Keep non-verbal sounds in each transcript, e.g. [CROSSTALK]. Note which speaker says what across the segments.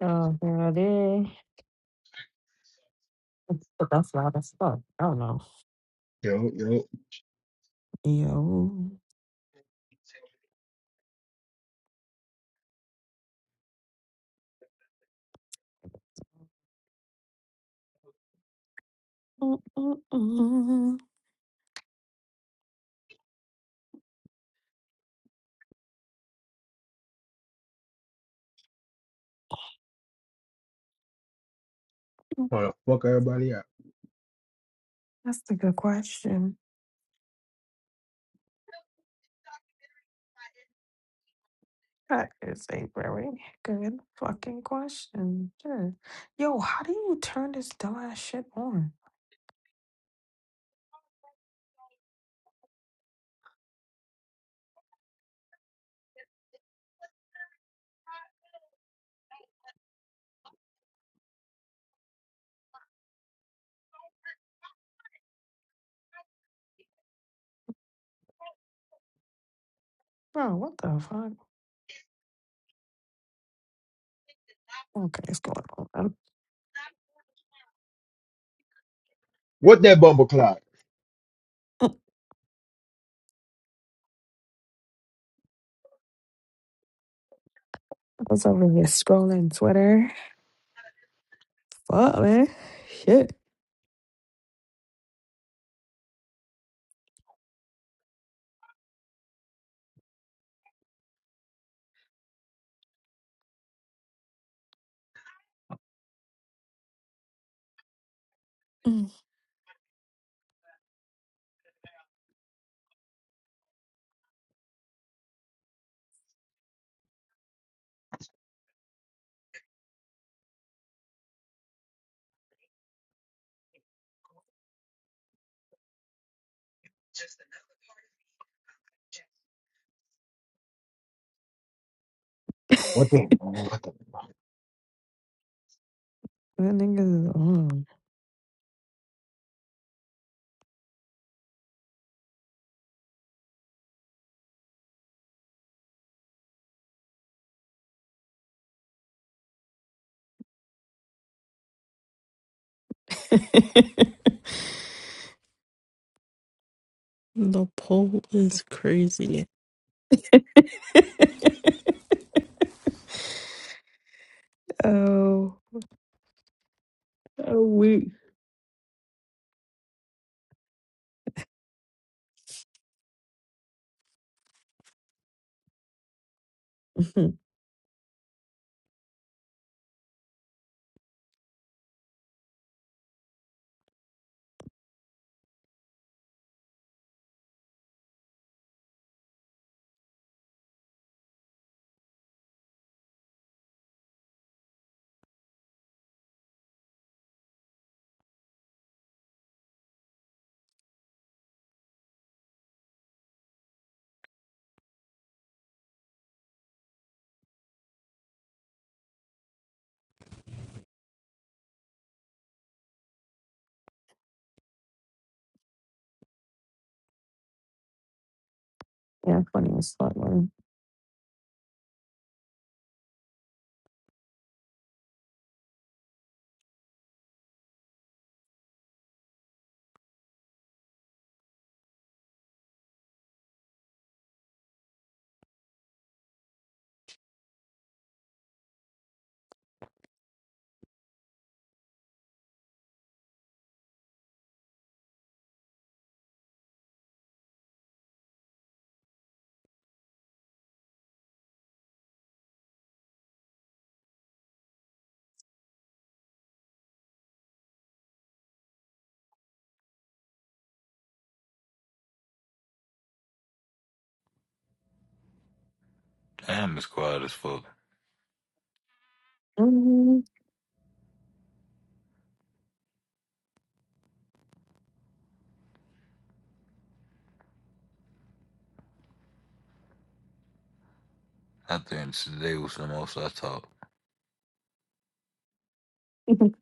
Speaker 1: Oh, girl, there But that's loud as fuck. I don't know. Yo. Mm-mm-mm.
Speaker 2: Trying to fuck everybody up.
Speaker 1: That's a good question. That is a very good fucking question. Sure. Yo, how do you turn this dumb ass shit on? Bro, what the fuck? Okay, it's going on. man.
Speaker 2: What that bumble clock?
Speaker 1: [LAUGHS] I was over here scrolling Twitter. Fuck, man. Shit. Mm. [LAUGHS]
Speaker 2: What
Speaker 1: that
Speaker 2: the? What the?
Speaker 1: nigga is on.
Speaker 3: The poll is crazy.
Speaker 1: [LAUGHS] oh. Oh, weak. Mhm. yeah, funny as fuck, man.
Speaker 4: Damn, it's quiet as fuck.
Speaker 1: Mhm.
Speaker 4: I think today was the most I talked.
Speaker 1: [LAUGHS]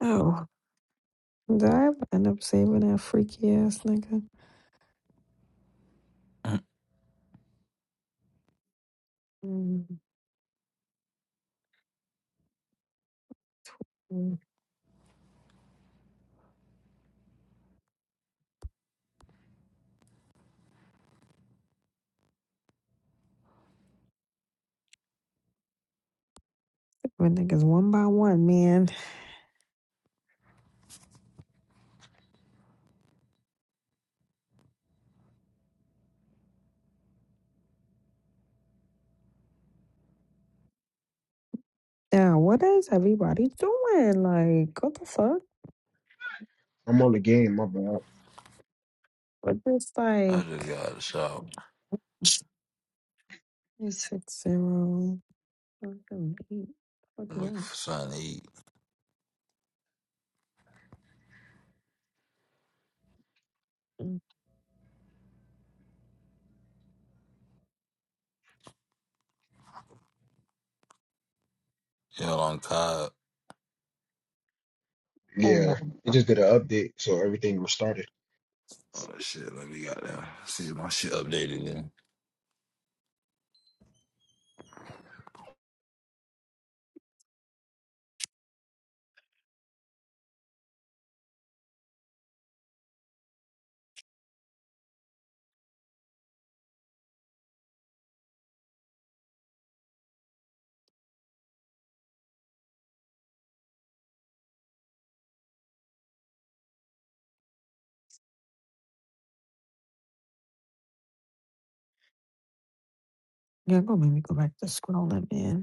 Speaker 1: oh, did I end up saving that freaky ass nigga?
Speaker 4: [CLEARS THROAT]
Speaker 1: Mhm. When niggas one by one, man. Yeah, what is everybody doing? Like, what the fuck?
Speaker 2: I'm on the game, my bad.
Speaker 1: What is
Speaker 4: I just
Speaker 1: like
Speaker 4: got out of the shop.
Speaker 1: It's eight six zero seven eight? What the fuck
Speaker 4: I'm
Speaker 1: is
Speaker 4: looking
Speaker 1: that?
Speaker 4: for something to eat.
Speaker 1: Mm.
Speaker 4: Y'all on cod.
Speaker 2: Yeah,
Speaker 1: Oh,
Speaker 2: it just did an update, so everything restarted.
Speaker 4: Oh shit, let me got there. See if my shit updated then.
Speaker 1: yeah, go make me go back to scrolling, man.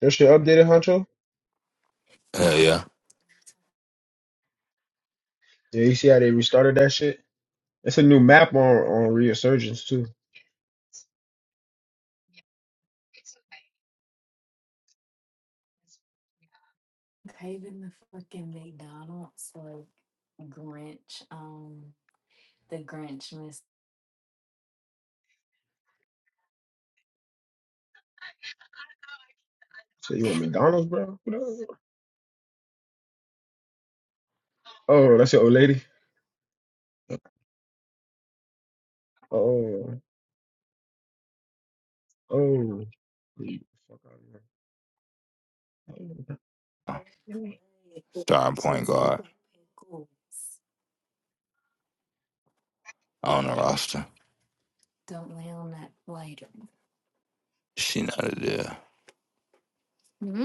Speaker 2: That shit updated, Huncho?
Speaker 4: Hell yeah.
Speaker 2: Yeah, you see how they restarted that shit? It's a new map on on Resurgence too.
Speaker 4: Craving the fucking McDonald's like Grinch, um, the Grinch miss
Speaker 2: So you want McDonald's, bro? What up? Oh, that's your old lady. Oh, oh. Leave the fuck out of here.
Speaker 4: Starting point guard pickles. on the roster. Don't lay on that lighter. She not a deal.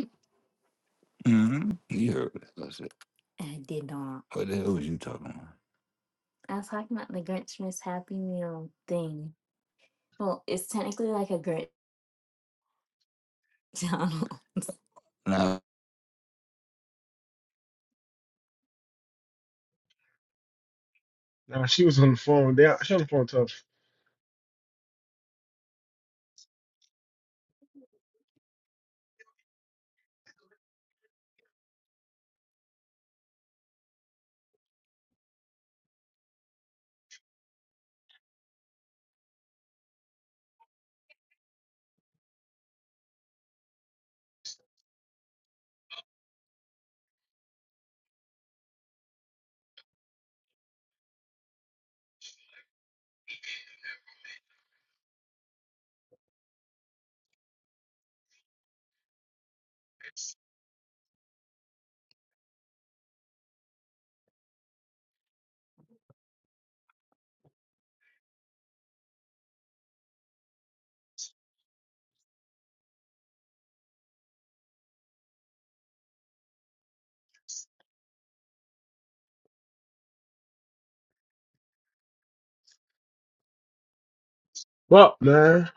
Speaker 4: Mm-hmm. You heard what I said. I did not. What the hell was you talking about? I was talking about the Grinch Miss Happy Meal thing. Well, it's technically like a Grinch [LAUGHS] McDonald's.
Speaker 2: Nah, she was on the phone. They, she on the phone tough. Well, man,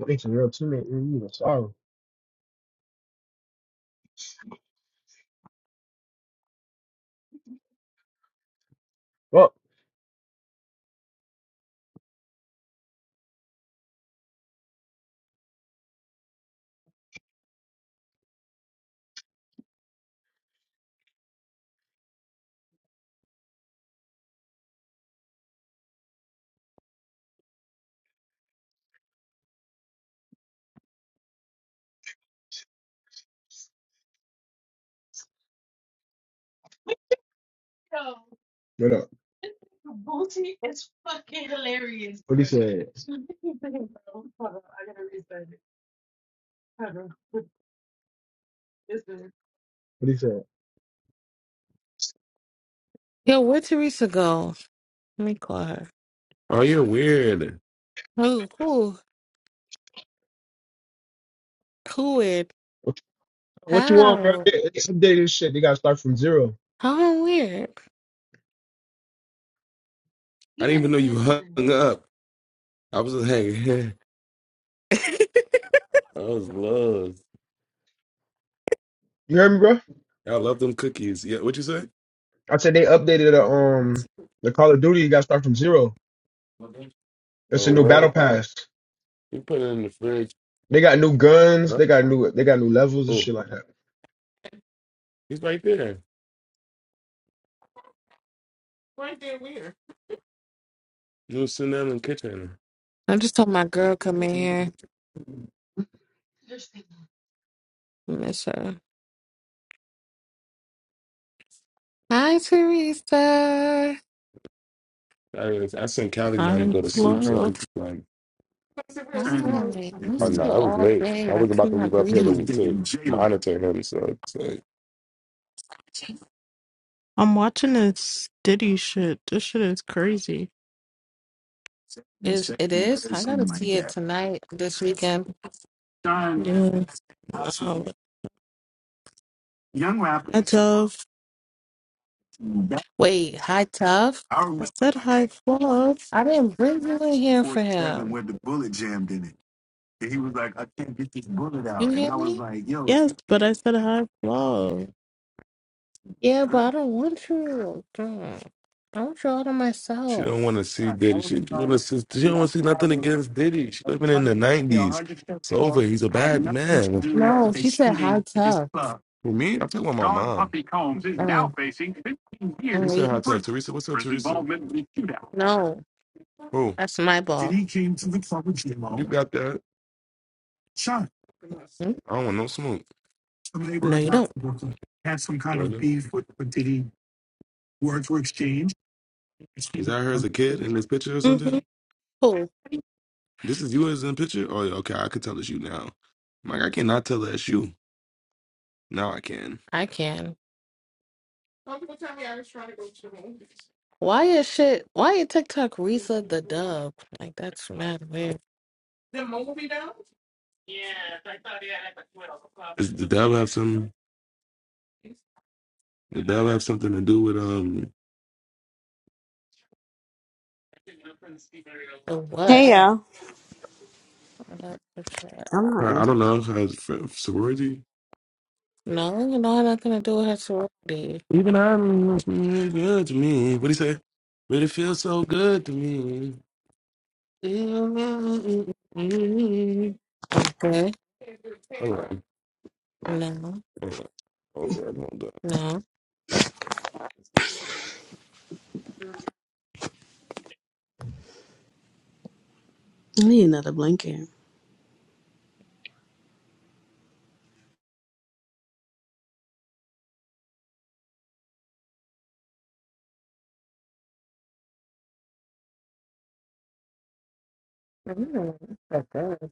Speaker 2: I think it's a real teammate. You sorry. Well, what up? What he said? What he said?
Speaker 5: Yo, where'd Teresa go? Let me call her.
Speaker 6: Oh, you're weird.
Speaker 5: Who? Who? Who it?
Speaker 2: What what you want, bro?
Speaker 5: How?
Speaker 2: They they updated this shit. They gotta start from zero.
Speaker 5: How and weird.
Speaker 6: I didn't even know you hung up. I was just hanging.
Speaker 5: I
Speaker 6: [LAUGHS] I was lost.
Speaker 2: You heard me, bro?
Speaker 6: I love them cookies. Yeah, what you say?
Speaker 2: I said they updated the um the Call of Duty. You gotta start from zero. It's
Speaker 6: Oh,
Speaker 2: a new battle
Speaker 6: what?
Speaker 2: pass.
Speaker 6: You put it in the fridge.
Speaker 2: They got new guns.
Speaker 6: Huh?
Speaker 2: They got new. They got new levels and
Speaker 6: Oh,
Speaker 2: shit like that.
Speaker 6: he's right there. Right there, where? You was sitting down in the kitchen.
Speaker 5: [LAUGHS] just told my girl come in here. I Miss her. Hi, Teresa.
Speaker 6: I, I sent Callie down to
Speaker 3: I
Speaker 6: go to sleep, so
Speaker 3: love.
Speaker 6: like,
Speaker 5: I'm gonna make-
Speaker 6: oh
Speaker 5: miss
Speaker 6: no,
Speaker 5: you
Speaker 6: I was
Speaker 5: all
Speaker 6: late.
Speaker 5: day.
Speaker 6: I
Speaker 5: I
Speaker 6: was about to leave
Speaker 5: cannot
Speaker 6: up here
Speaker 5: breathe.
Speaker 6: to, to monitor him, so it's like.
Speaker 3: I'm watching this Diddy shit. This shit is crazy. Yeah.
Speaker 5: Is it is? I gotta see it tonight, this weekend.
Speaker 3: Wow. Hi, Tove.
Speaker 5: Wait, hi, tough.
Speaker 3: I said hi, Fluff.
Speaker 5: I didn't bring you in
Speaker 3: Yes,
Speaker 5: here for him. You hear me?
Speaker 3: but I said hi.
Speaker 5: Yeah, but I don't want you. Dang. I want you all to
Speaker 6: She don't
Speaker 5: myself.
Speaker 6: want to see Diddy. She want to see. She don't want to see nothing against Diddy. She
Speaker 3: of
Speaker 6: living in the
Speaker 3: charging me a
Speaker 6: nineties.
Speaker 3: hundred
Speaker 6: It's over.
Speaker 3: false
Speaker 6: He's a
Speaker 3: had
Speaker 6: bad
Speaker 3: nothing to
Speaker 6: man.
Speaker 3: do
Speaker 5: No,
Speaker 3: with a
Speaker 5: she said high
Speaker 3: shooting at this
Speaker 5: tub.
Speaker 3: club.
Speaker 6: For me, I'm talking about my
Speaker 3: Sean
Speaker 6: mom.
Speaker 3: Puffy Combs is now
Speaker 5: Oh,
Speaker 3: facing 15 years
Speaker 6: Who said
Speaker 5: wait.
Speaker 6: hi
Speaker 3: in
Speaker 6: to her?
Speaker 3: prison
Speaker 6: Teresa? What's up,
Speaker 3: for his
Speaker 6: Teresa?
Speaker 3: involvement in the shootout.
Speaker 5: No,
Speaker 6: Oh,
Speaker 5: that's my
Speaker 3: Then
Speaker 5: ball.
Speaker 3: he came to the club with
Speaker 6: you
Speaker 3: J-Lo,
Speaker 6: got that?
Speaker 3: shot
Speaker 5: Mm,
Speaker 6: I don't want no smoke.
Speaker 3: some
Speaker 5: No,
Speaker 3: neighborhood
Speaker 5: you
Speaker 3: guy
Speaker 5: don't.
Speaker 3: from Brooklyn, had some kind of
Speaker 6: Jordan.
Speaker 3: beef with, with Diddy. Words were exchanged. Mm
Speaker 6: Is that her as a kid in this picture or something?
Speaker 3: Mhm.
Speaker 5: Cool,
Speaker 6: This is you as in picture? Oh, yeah, okay. I could tell it's you now. I'm like, I cannot tell that's you. Now I can.
Speaker 5: I can. Why is shit? Why is TikTok Risa the dub? Like, that's mad weird.
Speaker 6: Does the devil have some? Did that have something to do with um
Speaker 5: For what?
Speaker 7: Hey y'all.
Speaker 5: I don't give a shit.
Speaker 7: I'm
Speaker 6: her? I
Speaker 7: not.
Speaker 6: don't know her fr- sorority.
Speaker 5: No, you know, nothing to do with her sorority.
Speaker 6: Even I'm good to me. What do you say? But it feels so good to me. [LAUGHS]
Speaker 5: Okay.
Speaker 6: Hold on,
Speaker 5: No,
Speaker 6: hold on, hold on. Hold on.
Speaker 5: no.
Speaker 7: I need another blanket.
Speaker 5: Mm, okay.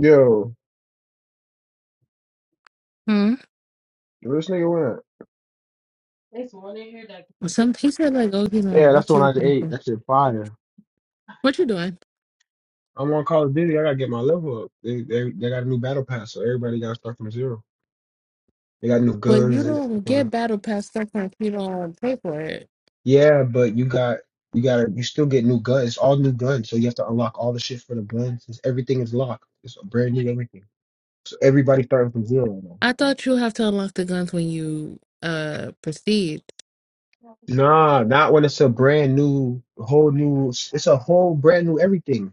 Speaker 2: Yo,
Speaker 5: Hmm.
Speaker 2: where this nigga went?
Speaker 5: Some he said like, oh, he's
Speaker 2: Yeah,
Speaker 5: on
Speaker 2: that's the
Speaker 5: like
Speaker 2: one
Speaker 5: or
Speaker 2: I ate.
Speaker 5: something.
Speaker 2: That shit fire.
Speaker 5: What you doing?
Speaker 2: I'm on Call of Duty. I gotta get my level up. They they, they got a new battle pass, so everybody got to start from zero. They got new
Speaker 5: But you
Speaker 2: guns and
Speaker 5: don't get
Speaker 2: everything.
Speaker 5: battle pass stuff if you don't pay for it.
Speaker 2: Yeah, but you got you got to you still get new guns. It's all new guns, so you have to unlock all the shit for the guns. It's, everything is locked. It's a brand new everything. So everybody starting from zero now.
Speaker 5: I thought you have to unlock the guns when you uh proceed.
Speaker 2: Nah, not when it's a brand new, whole new. It's a whole brand new everything.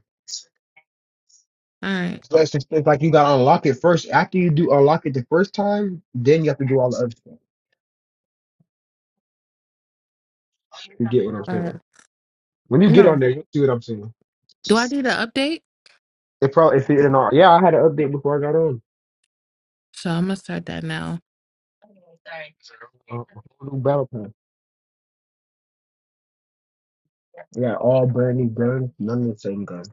Speaker 5: All right.
Speaker 2: So it's, just, it's like you gotta unlock it first. After you do unlock it the first time, then you have to do all the other stuff. You get what I'm
Speaker 5: Uh,
Speaker 2: saying? When you get on
Speaker 5: no.
Speaker 2: there, you'll see what I'm saying.
Speaker 5: Do I need an update?
Speaker 2: It probably it's in our yeah. I had an update before I got on.
Speaker 5: So I'm gonna start that now.
Speaker 2: Uh, whole new battle pass. I all brand new guns, none of the same gun.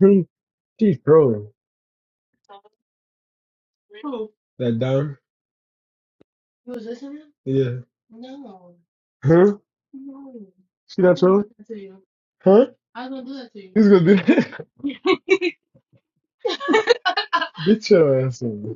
Speaker 2: Hmm, She's trolling. That dumb. Yeah. Huh? She not trolling? Huh? He's gonna do [LAUGHS] that. Get your ass in.